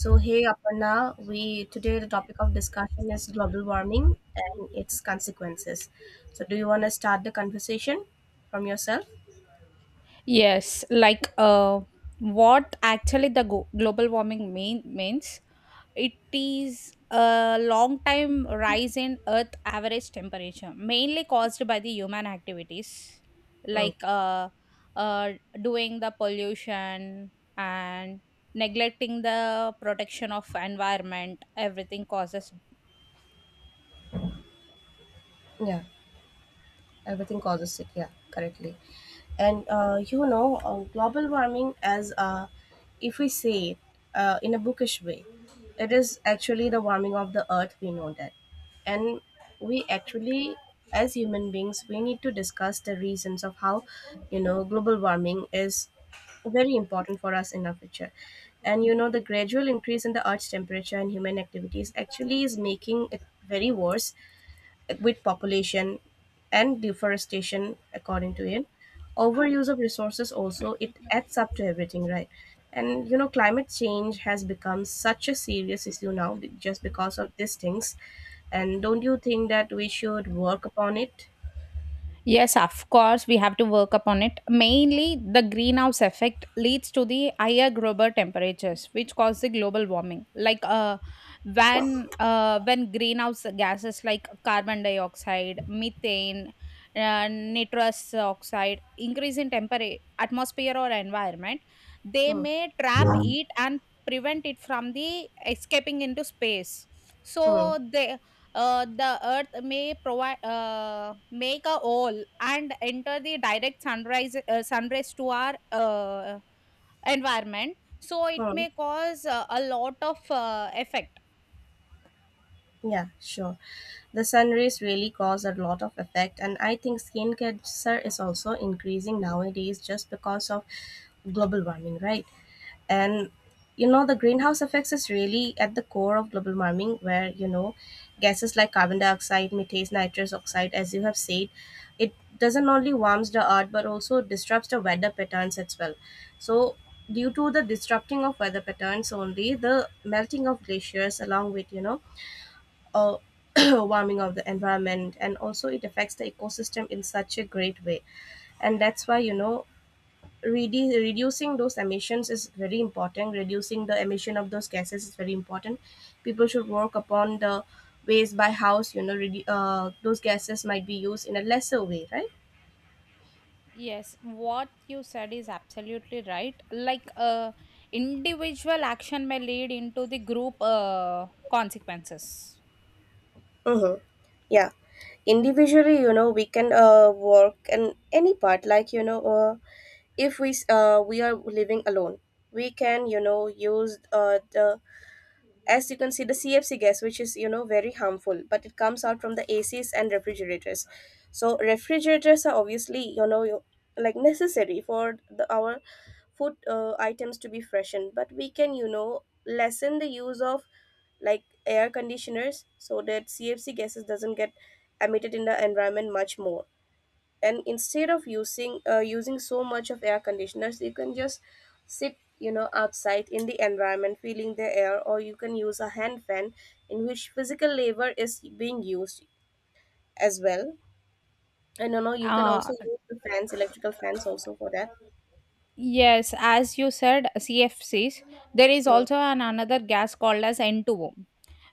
So hey Aparna, we today the topic of discussion is global warming and its consequences. So do you want to start the conversation from yourself? Yes, what actually global warming means, it is a long time rise in Earth average temperature, mainly caused by the human activities Mm. like uh, uh, doing the pollution and neglecting the protection of environment. Everything causes. Yeah. Everything causes it, yeah, correctly. And you know, global warming as, if we say it in a bookish way, it is actually the warming of the earth, we know that. And we actually, as human beings, we need to discuss the reasons of how, you know, global warming is very important for us in our future. And you know, the gradual increase in the earth's temperature and human activities actually is making it very worse, with population and deforestation, according to it, overuse of resources also, it adds up to everything, right? And you know, climate change has become such a serious issue now, just because of these things. And don't you think that we should work upon it? Yes, of course, we have to work upon it. Mainly, the greenhouse effect leads to the higher global temperatures, which cause the global warming. When greenhouse gases like carbon dioxide, methane, nitrous oxide increase in temperature, atmosphere or environment, they Hmm. may trap heat and prevent it from the escaping into space. Hmm. So they the earth may provide make a hole and enter the direct sunrise sunrays to our environment, so it Hmm. may cause a lot of effect. Yeah, sure. The sun rays really cause a lot of effect, and I think skin cancer is also increasing nowadays just because of global warming, right? And you know, the greenhouse effects is really at the core of global warming, where you know, gases like carbon dioxide, methane, nitrous oxide, as you have said, it doesn't only warms the earth but also disrupts the weather patterns as well. So due to the disrupting of weather patterns only, the melting of glaciers along with, you know, uh, warming of the environment, and also it affects the ecosystem in such a great way. And that's why you know, reducing those emissions is very important. Reducing the emission of those gases is very important. People should work upon the ways by house, you know, those gases might be used in a lesser way, right? Yes, what you said is absolutely right. Individual action may lead into the group consequences. Mm-hmm. Yeah. Individually, you know, we can work in any part. Like you know, if we are living alone, we can you know use, the, as you can see, the CFC gas, which is you know very harmful, but it comes out from the ACs and refrigerators. So refrigerators are obviously you know, like necessary for the, our food items to be freshened, but we can you know lessen the use of like air conditioners, so that CFC gases doesn't get emitted in the environment much more. And instead of using so much of air conditioners, you can just sit you know outside in the environment feeling the air, or you can use a hand fan, in which physical labor is being used as well. And you know, you can also uh use the fans, electrical fans, also for that. yes, as you said, CFCs, there is Mm. also an another gas called as N2O,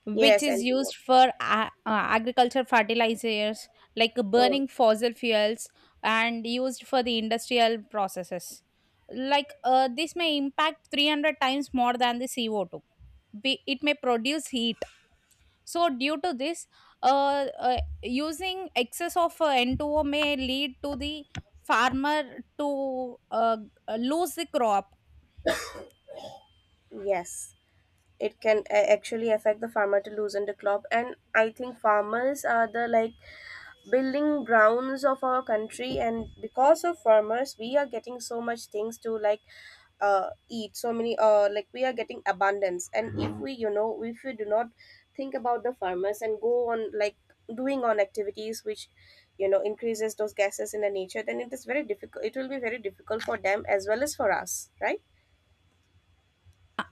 which Yes, is and to work. used for agriculture fertilizers, like Mm. burning fossil fuels and used for the industrial processes. This may impact 300 times more than the CO2. It may produce heat, so due to this, using excess of N2O may lead to the farmer to lose the crop. Yes, it can actually affect the farmer to loosen the crop. And I think farmers are the like building grounds of our country, and because of farmers we are getting so much things to like eat, so many like we are getting abundance. And if we you know, if we do not think about the farmers and go on like doing on activities which you know increases those gases in the nature, then it is very difficult, it will be very difficult for them as well as for us, right?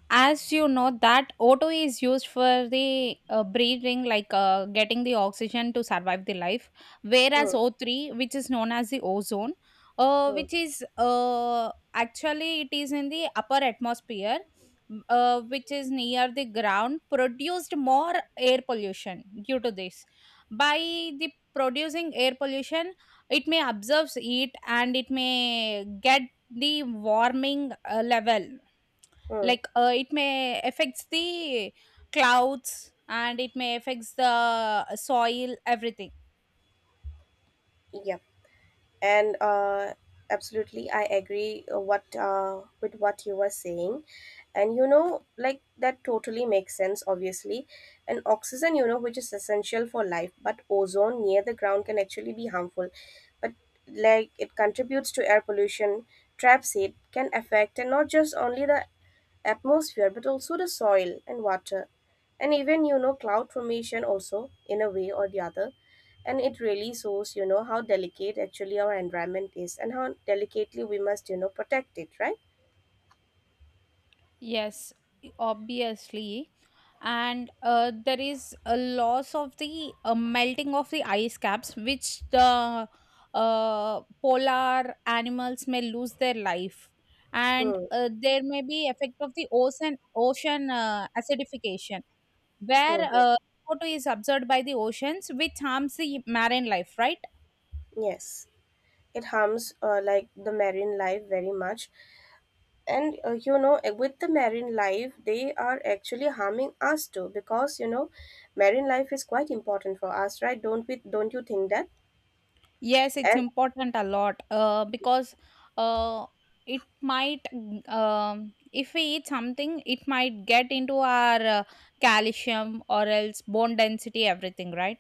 As you know that auto is used for the breathing, getting the oxygen to survive the life, whereas Hmm. O three, which is known as the ozone, Hmm. which is actually it is in the upper atmosphere, which is near the ground, produced more air pollution. Due to this, by the producing air pollution, it may absorb heat and it may get the warming level. Hmm. It may affects the clouds and it may affects the soil, everything. Yeah. And absolutely, I agree what with what you were saying. And you know, like that totally makes sense, obviously. And oxygen, you know, which is essential for life, but ozone near the ground can actually be harmful. But like, it contributes to air pollution, traps, it can affect and not just only the atmosphere but also the soil and water, and even you know, cloud formation also in a way or the other. And it really shows, you know, how delicate actually our environment is and how delicately we must, you know, protect it, right? Yes, obviously. And there is a loss of the melting of the ice caps, which the polar animals may lose their life. And Hmm. There may be effect of the ocean ocean acidification, where Hmm. Hmm. CO2 is absorbed by the oceans, which harms the marine life, right? Yes, it harms like the marine life very much. And you know, with the marine life, they are actually harming us too, because you know, marine life is quite important for us, right? don't We don't you think that? Yes, it's And important a lot because uh, it might, if we eat something, it might get into our calcium or else bone density, everything, right?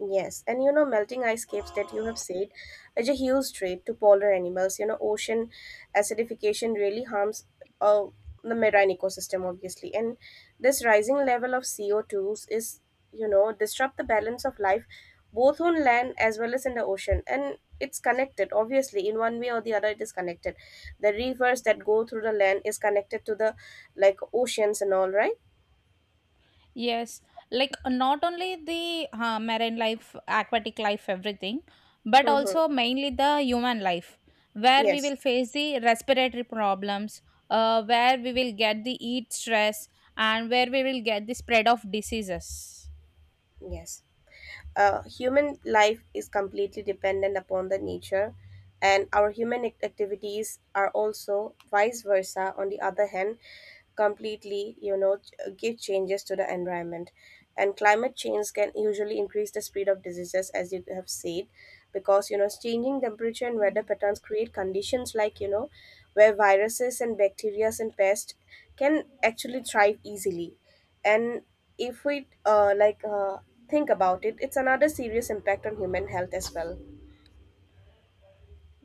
yes, and you know, melting ice caps that you have said is a huge threat to polar animals. You know, ocean acidification really harms uh, the marine ecosystem, obviously. And this rising level of CO2s is, you know, disrupt the balance of life both on land as well as in the ocean. And it's connected, obviously, in one way or the other, it is connected. The rivers that go through the land is connected to the like oceans and all, right? Yes, not only the marine life, aquatic life, everything, but Mm-hmm. also mainly the human life, where we Yes, will face the respiratory problems, where we will get the heat stress, and where we will get the spread of diseases. yes. Human life is completely dependent upon the nature, and our activities are also vice versa. On the other hand, completely, you know, give changes to the environment. And climate change can usually increase the speed of diseases, as you have said, because you know, changing temperature and weather patterns create conditions like you know, where viruses and bacteria and pests can actually thrive easily. And if we like, think about it, it's another serious impact on human health as well.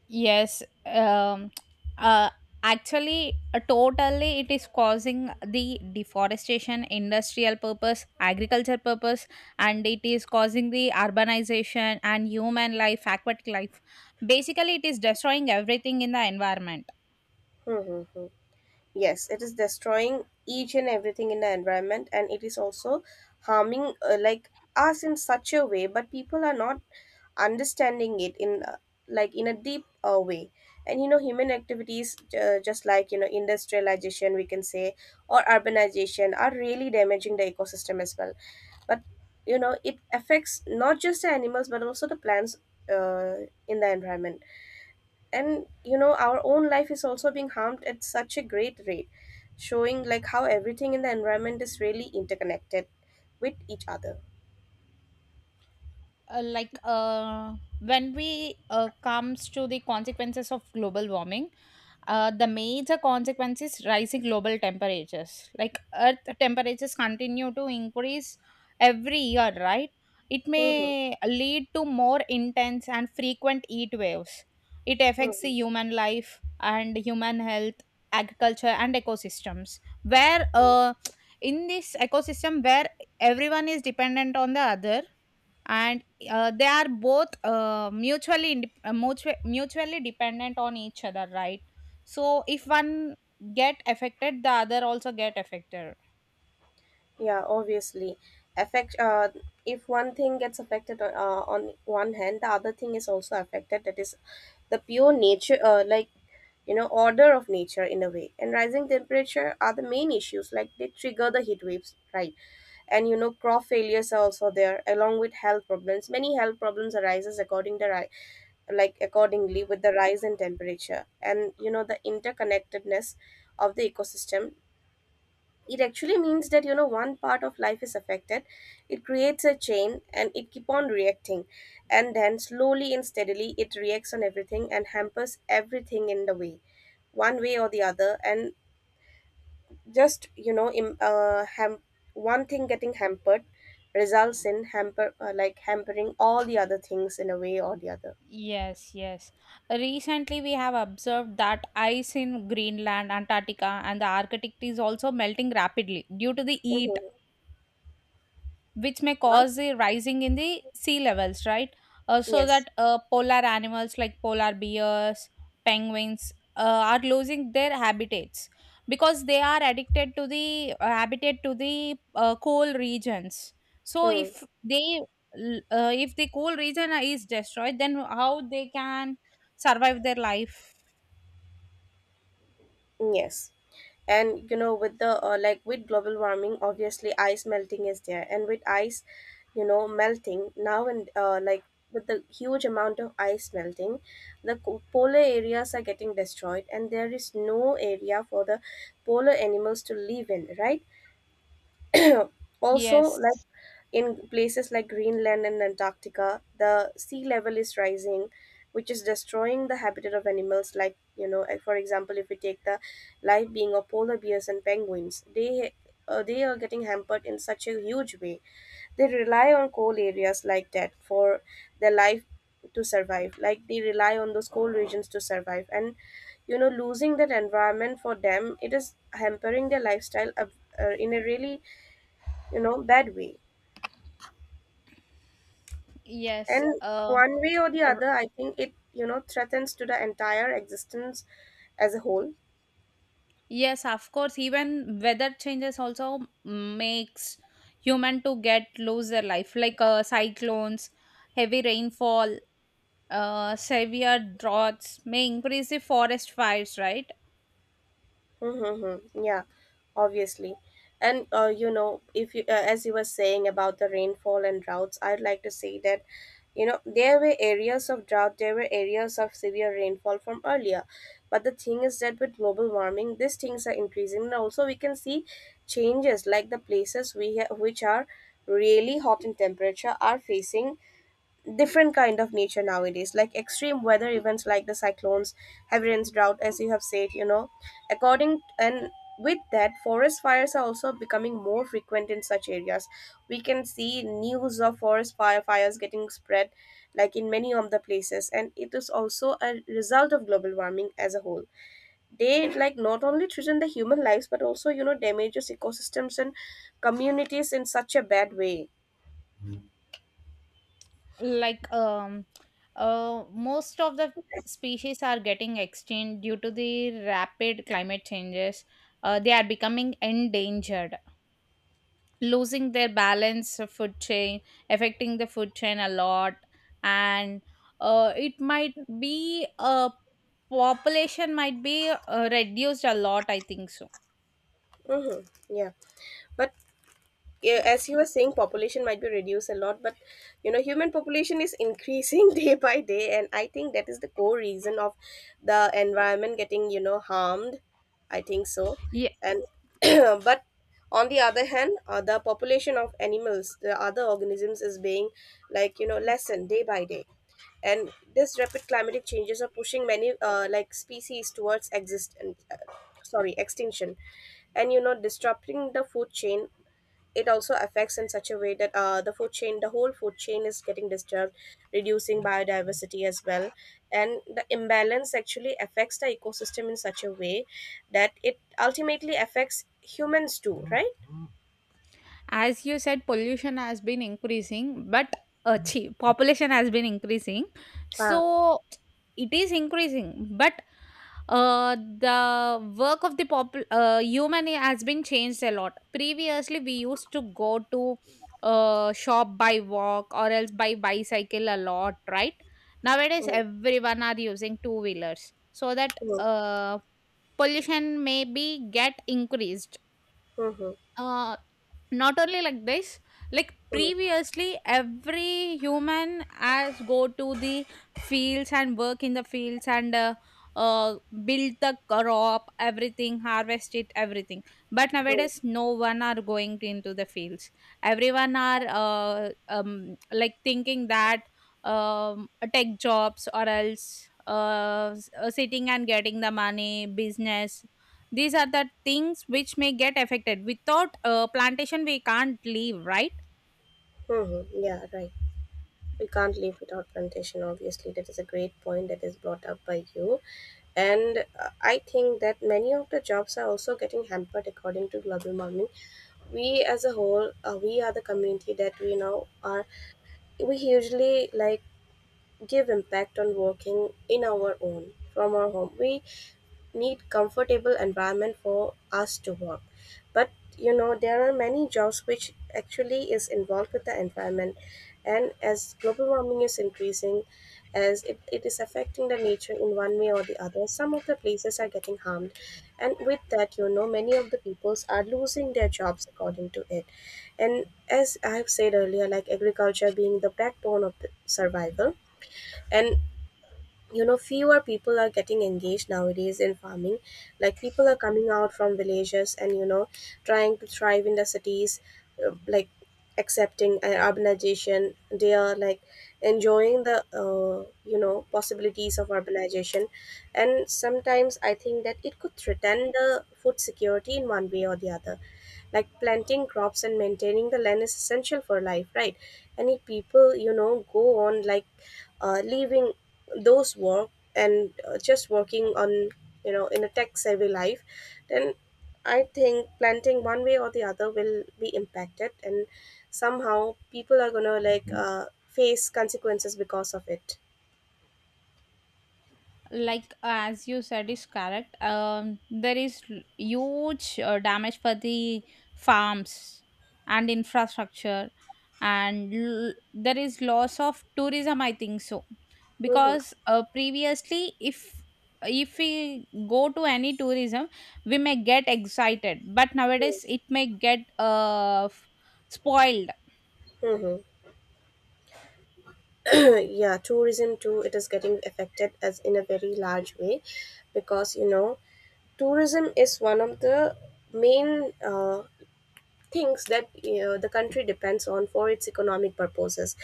Yes, um, uh, actually, totally, it is causing the deforestation, industrial purpose, agriculture purpose, and it is causing the urbanization and human life, aquatic life. Basically, it is destroying everything in the environment. Hmm. Hmm. Hmm. Yes, it is destroying each and everything in the environment, and it is also harming like us in such a way, but people are not understanding it in like in a deep way. And you know, human activities, just like you know, industrialization, we can say, or urbanization, are really damaging the ecosystem as well. But you know, it affects not just the animals but also the plants in the environment. And you know, our own life is also being harmed at such a great rate, showing like how everything in the environment is really interconnected with each other. uh, like uh, when we comes to the consequences of global warming, the major consequence is rising global temperatures, like earth temperatures continue to increase every year, right? It Mhm. may lead to more intense and frequent heat waves. It affects the Mhm. human life and human health, agriculture and ecosystems, where in this ecosystem where everyone is dependent on the other, and they are both mutually mutually dependent on each other, right? So if one get affected, the other also get affected. Yeah, obviously. Affect uh, if one thing gets affected on one hand, the other thing is also affected. That is the pure nature, like you know, order of nature in a way. And rising temperature are the main issues, like they trigger the heat waves, right? And you know, crop failures are also there, along with health problems. Many health problems arises according to like accordingly with the rise in temperature. And you know, the interconnectedness of the ecosystem, it actually means that you know, one part of life is affected, it creates a chain and it keep on reacting, and then slowly and steadily it reacts on everything and hampers everything in the way, one way or the other. And just you know, one thing getting hampered results in hamper like hampering all the other things in a way or the other. Yes, yes. Recently, we have observed that ice in Greenland, Antarctica, and the Arctic is also melting rapidly due to the heat, Mm-hmm. which may Huh? cause the rising in the sea levels, right? So Yes. that polar animals like polar bears, penguins are losing their habitats, because they are addicted to the habitat to the cool regions. So Hmm. if they if the cool region is destroyed, then how they can survive their life? Yes, and you know, with the, like, with global warming, obviously, ice melting is there. And with ice, you know, melting now, and like, with the huge amount of ice melting, the polar areas are getting destroyed, and there is no area for the polar animals to live in, right? Also, like Yes, in places like Greenland and Antarctica, the sea level is rising, which is destroying the habitat of animals. Like you know, like, for example, if we take the life being of polar bears and penguins, they are getting hampered in such a huge way. They rely on coal areas like that for their life to survive. Like they rely on those coal regions to survive, and you know, losing that environment for them, it is hampering their lifestyle, in a really you know bad way. yes. And one way or the r- other, I think it you know threatens to the entire existence as a whole. Yes, of course. Even weather changes also makes human to get lose their life, like cyclones, heavy rainfall, severe droughts may increase the forest fires. Right. Mm-hmm. Yeah, obviously. And you know, if you as you were saying about the rainfall and droughts, I'd like to say that you know, there were areas of drought, there were areas of severe rainfall from earlier. But the thing is that with global warming, these things are increasing. And also we can see changes like the places which are really hot in temperature are facing different kind of nature nowadays, like extreme weather events like the cyclones, heavy rains, drought, as you have said. You know, according and with that, forest fires are also becoming more frequent in such areas. We can see news of forest fires getting spread like in many of the places, and it is also a result of global warming as a whole. They like not only threaten the human lives, but also you know damages ecosystems and communities in such a bad way. like um, Most of the species are getting extinct due to the rapid climate changes. They are becoming endangered, losing their balance of food chain, affecting the food chain a lot. And it might be a population might be reduced a lot, I think so. Mm-hmm. Yeah, but yeah, as you were saying, population might be reduced a lot, but human population is increasing day by day, and I think that is the core reason of the environment getting harmed, I think so. And but on the other hand, the population of animals, the other organisms, is being, lessened day by day. And this rapid climatic changes are pushing many species towards exist uh, sorry extinction, and disrupting the food chain. It also affects in such a way that, the food chain, the whole food chain is getting disturbed, reducing biodiversity as well. And the imbalance actually affects the ecosystem in such a way that it ultimately affects humans too, right? As you said, pollution has been increasing, but chi population has been increasing. Ah. So it is increasing, but the work of the pop human has been changed a lot. Previously we used to go to shop by walk or else by bicycle a lot, right? Nowadays Mm, everyone are using two wheelers, so that mm, uh, pollution may be get increased. mhm, uh Not only like this, like mm, previously every human has go to the fields and work in the fields and uh, build the crop, everything, harvest it, everything. But mm, nowadays no one are going to into the fields. Everyone are like thinking that tech jobs or else sitting and getting the money business, these are the things which may get affected. Without plantation, we can't live, right? mhm. Yeah, right, we can't live without plantation, obviously. That is a great point that is brought up by you. And I think that many of the jobs are also getting hampered according to global warming. We as a whole, we are the community that we now are. We usually like give impact on working in our own from our home. We need comfortable environment for us to work. But there are many jobs which actually is involved with the environment. And as global warming is increasing, as it is affecting the nature in one way or the other, some of the places are getting harmed. And with that, many of the peoples are losing their jobs according to it. And as I have said earlier, like agriculture being the backbone of the survival, and fewer people are getting engaged nowadays in farming. Like people are coming out from villages and, trying to thrive in the cities. uh, like accepting urbanization, they are like enjoying the, possibilities of urbanization. And sometimes I think that it could threaten the food security in one way or the other, like planting crops and maintaining the land is essential for life, right? And if people go on like leaving those work, and just working on, in a tech savvy life, then I think planting one way or the other will be impacted, and somehow people are gonna like face consequences because of it. Like as you said is correct. There is huge damage for the farms and infrastructure, and there is loss of tourism, I think so, Hmm. because previously, if we go to any tourism, we may get excited, but nowadays it may get spoiled. Mm-hmm. Yeah, tourism too, it is getting affected as in a very large way, because tourism is one of the main, things that, the country depends on for its economic purposes.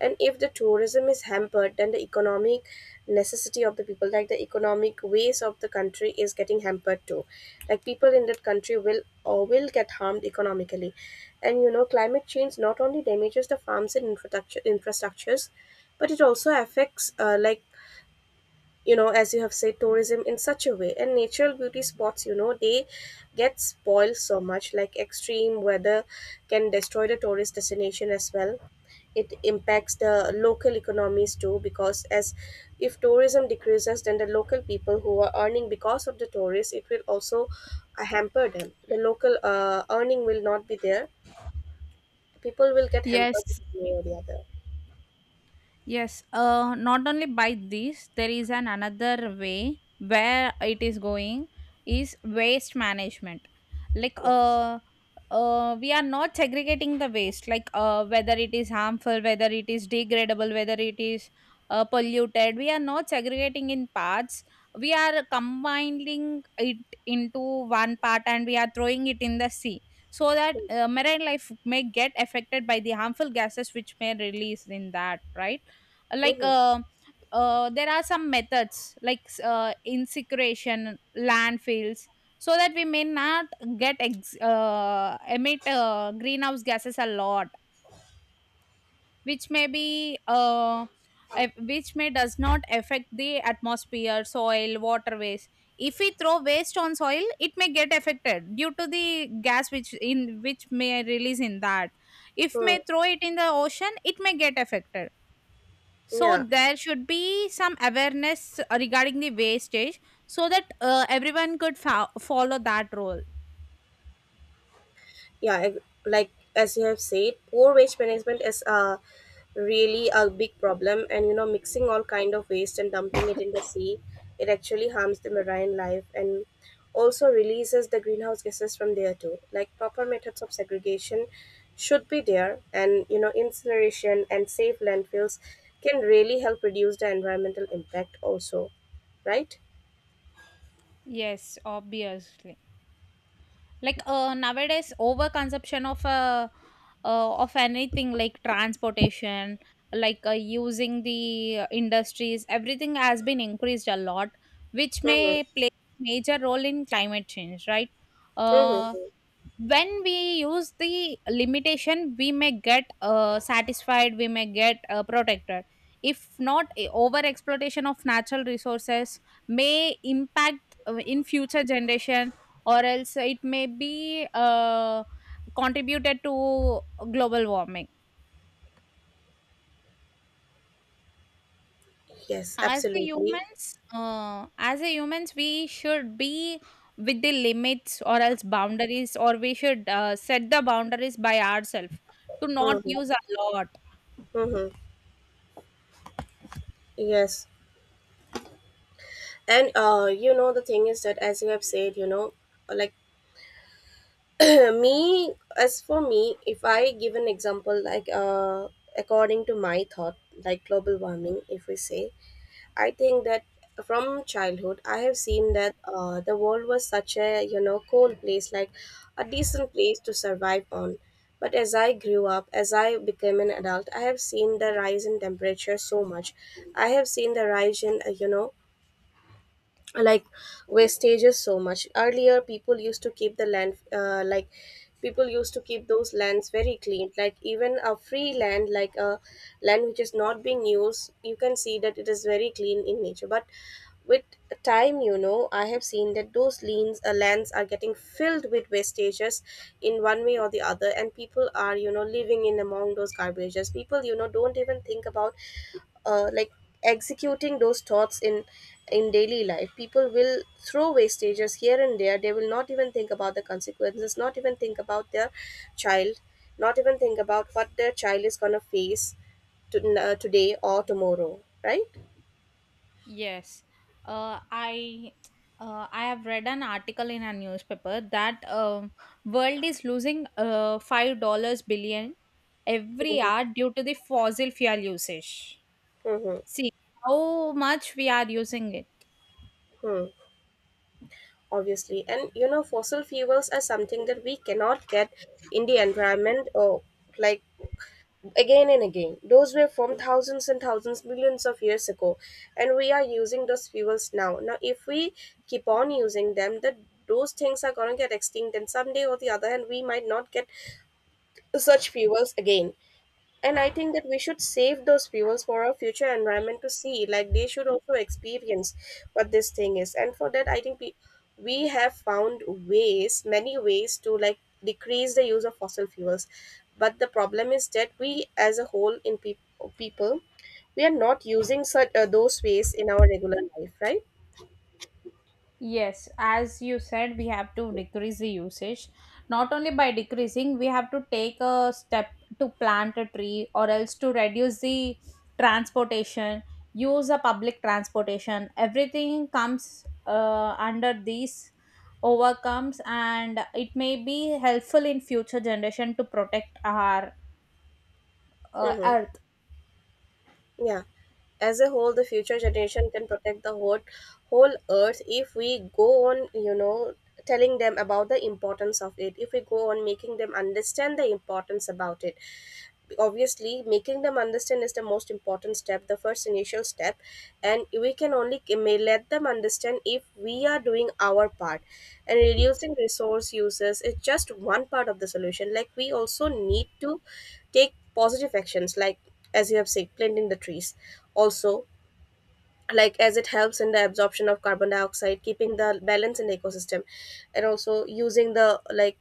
And if the tourism is hampered, then the economic necessity of the people, like the economic ways of the country, is getting hampered too. Like people in that country will, or will get harmed economically. And climate change not only damages the farms and infrastructures, but it also affects, as you have said, tourism in such a way, and natural beauty spots, they get spoiled so much. Like extreme weather can destroy the tourist destination as well. It impacts the local economies too, because, as if tourism decreases, then the local people who are earning because of the tourists, it will also hamper them. The local earning will not be there. People will get hampered Yes. in one way or the other. Yes, not only by this, there is an another way where it is going is waste management. Like Yes. uh, we are not segregating the waste, like whether it is harmful, whether it is degradable, whether it is polluted. We are not segregating in parts. We are combining it into one part, and we are throwing it in the sea, so that Hmm. Marine life may get affected by the harmful gases which may release in that, right? like Mm-hmm. uh, there are some methods like incineration, landfills, so that we may not emit greenhouse gases a lot, which may be which may does not affect the atmosphere, soil, waterways. If we throw waste on soil, it may get affected due to the gas which in which may release in that. If Hmm. may throw it in the ocean, it may get affected. So Yeah, there should be some awareness regarding the wastage, so that everyone could follow that role. yeah, like as you have said, poor waste management is really a big problem. And mixing all kind of waste and dumping it in the sea, it actually harms the marine life and also releases the greenhouse gases from there too. Like proper methods of segregation should be there, and incineration and safe landfills can really help reduce the environmental impact also, right? Yes, obviously. Nowadays, overconsumption of anything, like transportation, using the industries, everything has been increased a lot, which Mm-hmm. may play major role in climate change, right? Uh, Mm-hmm. when we use the limitation, we may get satisfied, we may get protected. If not, a over exploitation of natural resources may impact in future generation, or else it may be contributed to global warming. Yes, absolutely. As a humans we should be with the limits or else boundaries, or we should set the boundaries by ourselves to not Mm-hmm. use a lot. Mm-hmm. Yes, and the thing is that, as you have said, like me, as for me, if I give an example, according to my thought, like global warming, if we say, I think that from childhood I have seen that, the world was such a, cold place, like a decent place to survive on. But as I grew up, as I became an adult, I have seen the rise in temperature so much. I have seen the rise in, like wastages so much. Earlier people used to keep the land, people used to keep those lands very clean, like even a free land, like a land which is not being used, you can see that it is very clean in nature. But with time, I have seen that those lanes lands are getting filled with wastages in one way or the other, and people are, living in among those garbages. People don't even think about, uh, like executing those thoughts in daily life. People will throw wastages here and there. They will not even think about the consequences, not even think about their child, not even think about what their child is going to face to, today or tomorrow, right? Yes, I I have read an article in a newspaper that world is losing $5 billion every Mm-hmm. hour due to the fossil fuel usage. Mm-hmm. See how much we are using it. Hmm. Obviously, and fossil fuels are something that we cannot get in the environment, or like again and again. Those were from thousands and thousands, millions of years ago, and we are using those fuels now. Now, if we keep on using them, that those things are going to get extinct, and someday or the other hand, we might not get such fuels again. And I think that we should save those fuels for our future environment to see. Like they should also experience what this thing is. And for that, I think we have found ways, many ways to like decrease the use of fossil fuels. But the problem is that we, as a whole, in people, we are not using such those ways in our regular life, right? Yes, as you said, we have to decrease the usage. Not only by decreasing, we have to take a step to plant a tree or else to reduce the transportation, use a public transportation. Everything comes under these overcomes, and it may be helpful in future generation to protect our Mm-hmm. earth. Yeah. As a whole, the future generation can protect the whole earth, if we go on, telling them about the importance of it, if we go on making them understand the importance about it. Obviously, making them understand is the most important step, the first initial step. And we can only may let them understand if we are doing our part. And reducing resource uses is just one part of the solution. Like we also need to take positive actions, like as you have said, planting the trees also, like as it helps in the absorption of carbon dioxide, keeping the balance in the ecosystem. And also using the like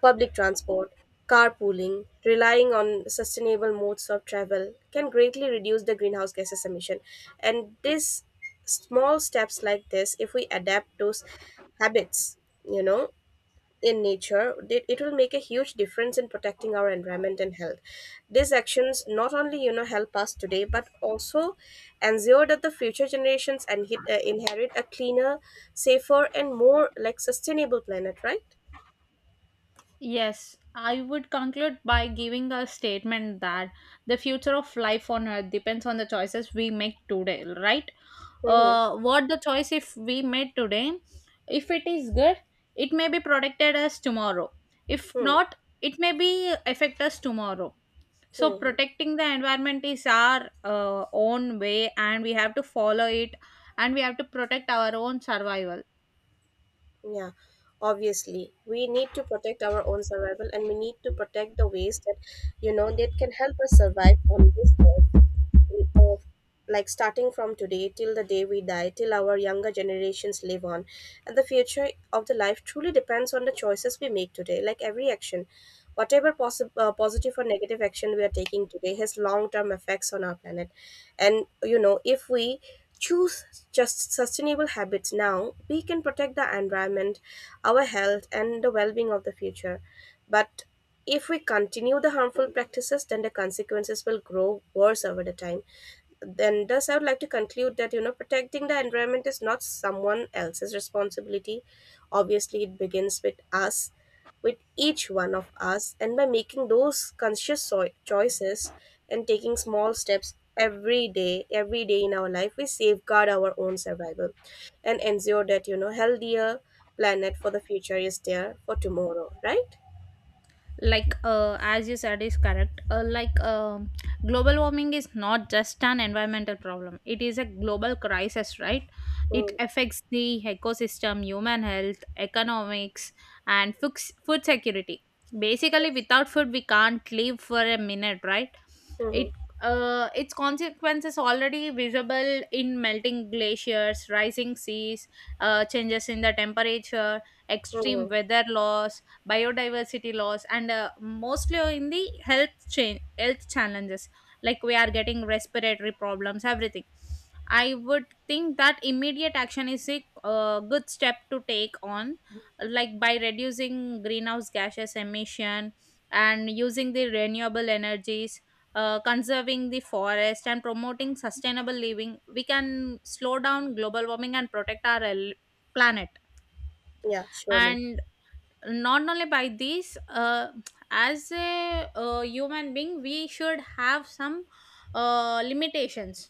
public transport, carpooling, relying on sustainable modes of travel can greatly reduce the greenhouse gases emission. And this small steps like this, if we adapt those habits, you know in nature, it will make a huge difference in protecting our environment and health. These actions not only help us today, but also ensure that the future generations and, inherit a cleaner, safer, and more like sustainable planet. Right? Yes, I would conclude by giving a statement that the future of life on earth depends on the choices we make today, right? Mm-hmm. What the choice if we made today, if it is good, it may be protected us tomorrow. If not, it may be affect us tomorrow. So Mm-hmm. protecting the environment is our own way, and we have to follow it, and we have to protect our own survival. Yeah. Obviously, we need to protect our own survival, and we need to protect the ways that that can help us survive on this earth. Of, like starting from today till the day we die, till our younger generations live on. And the future of the life truly depends on the choices we make today. Like every action, whatever positive or negative action we are taking today has long term effects on our planet. And if we choose just sustainable habits now, we can protect the environment, our health, and the well-being of the future. But if we continue the harmful practices, then the consequences will grow worse over the time. Then, thus, I would like to conclude that, protecting the environment is not someone else's responsibility. Obviously, it begins with us, with each one of us, and by making those conscious choices and taking small steps every day in our life, we safeguard our own survival and ensure that, healthier planet for the future is there for tomorrow, right? As you said is correct. Global warming is not just an environmental problem, it is a global crisis, right? It Mm. affects the ecosystem, human health, economics, and food, food security. Basically, without food we can't live for a minute, right? Mm-hmm. it Its consequences already visible in melting glaciers, rising seas, changes in the temperature, extreme Mm-hmm. weather laws, biodiversity loss, and mostly in the health challenges, like we are getting respiratory problems, everything. I would think that immediate action is a good step to take on, like by reducing greenhouse gases emission and using the renewable energies, conserving the forest and promoting sustainable living, we can slow down global warming and protect our planet. Yeah, surely. And not only by this, as a human being, we should have some limitations.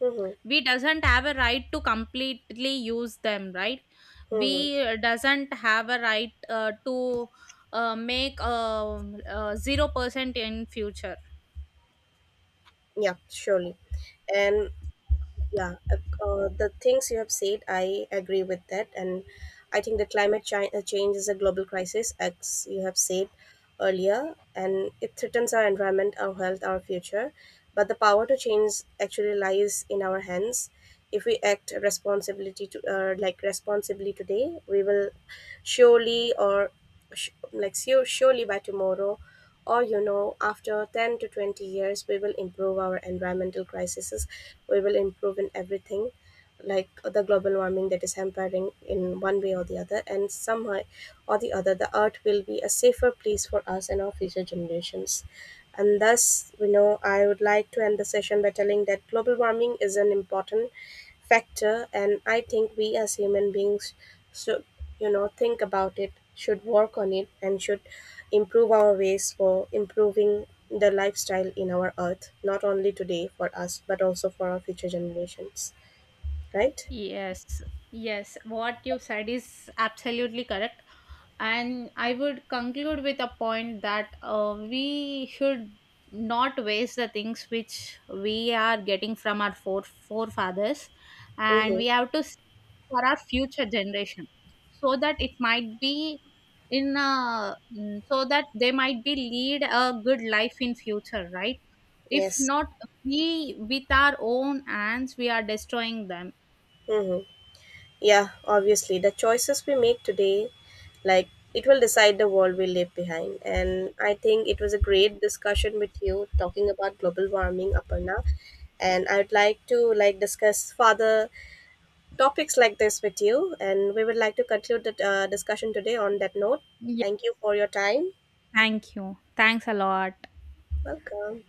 Mm-hmm. We doesn't have a right to completely use them, right? Mm-hmm. We doesn't have a right to make 0% in future. Yeah, surely. And yeah, the things you have said, I agree with that. And I think the change is a global crisis, as you have said earlier, and it threatens our environment, our health, our future. But the power to change actually lies in our hands. If we act responsibility to, responsibly today, we will surely or surely by tomorrow, or after 10 to 20 years, we will improve our environmental crises, we will improve in everything, like the global warming that is hampering in one way or the other, and somehow or the other, the earth will be a safer place for us and our future generations. And thus, I would like to end the session by telling that global warming is an important factor, and I think we as human beings should, think about it, should work on it, and should improve our ways for improving the lifestyle in our earth, not only today for us, but also for our future generations, right? Yes, yes, what you said is absolutely correct. And I would conclude with a point that we should not waste the things which we are getting from our forefathers, and Mm-hmm. we have to save for our future generation, so that it might be in a, so that they might be lead a good life in future, right? If Yes. not, we with our own hands we are destroying them. Mm-hmm. Yeah, obviously. The choices we make today, like, it will decide the world we leave behind. And I think it was a great discussion with you talking about global warming, Aparna. And I would like to, like, discuss further topics like this with you. And we would like to conclude the discussion today on that note. Thank you for your time. Thank you. Thanks a lot. Welcome.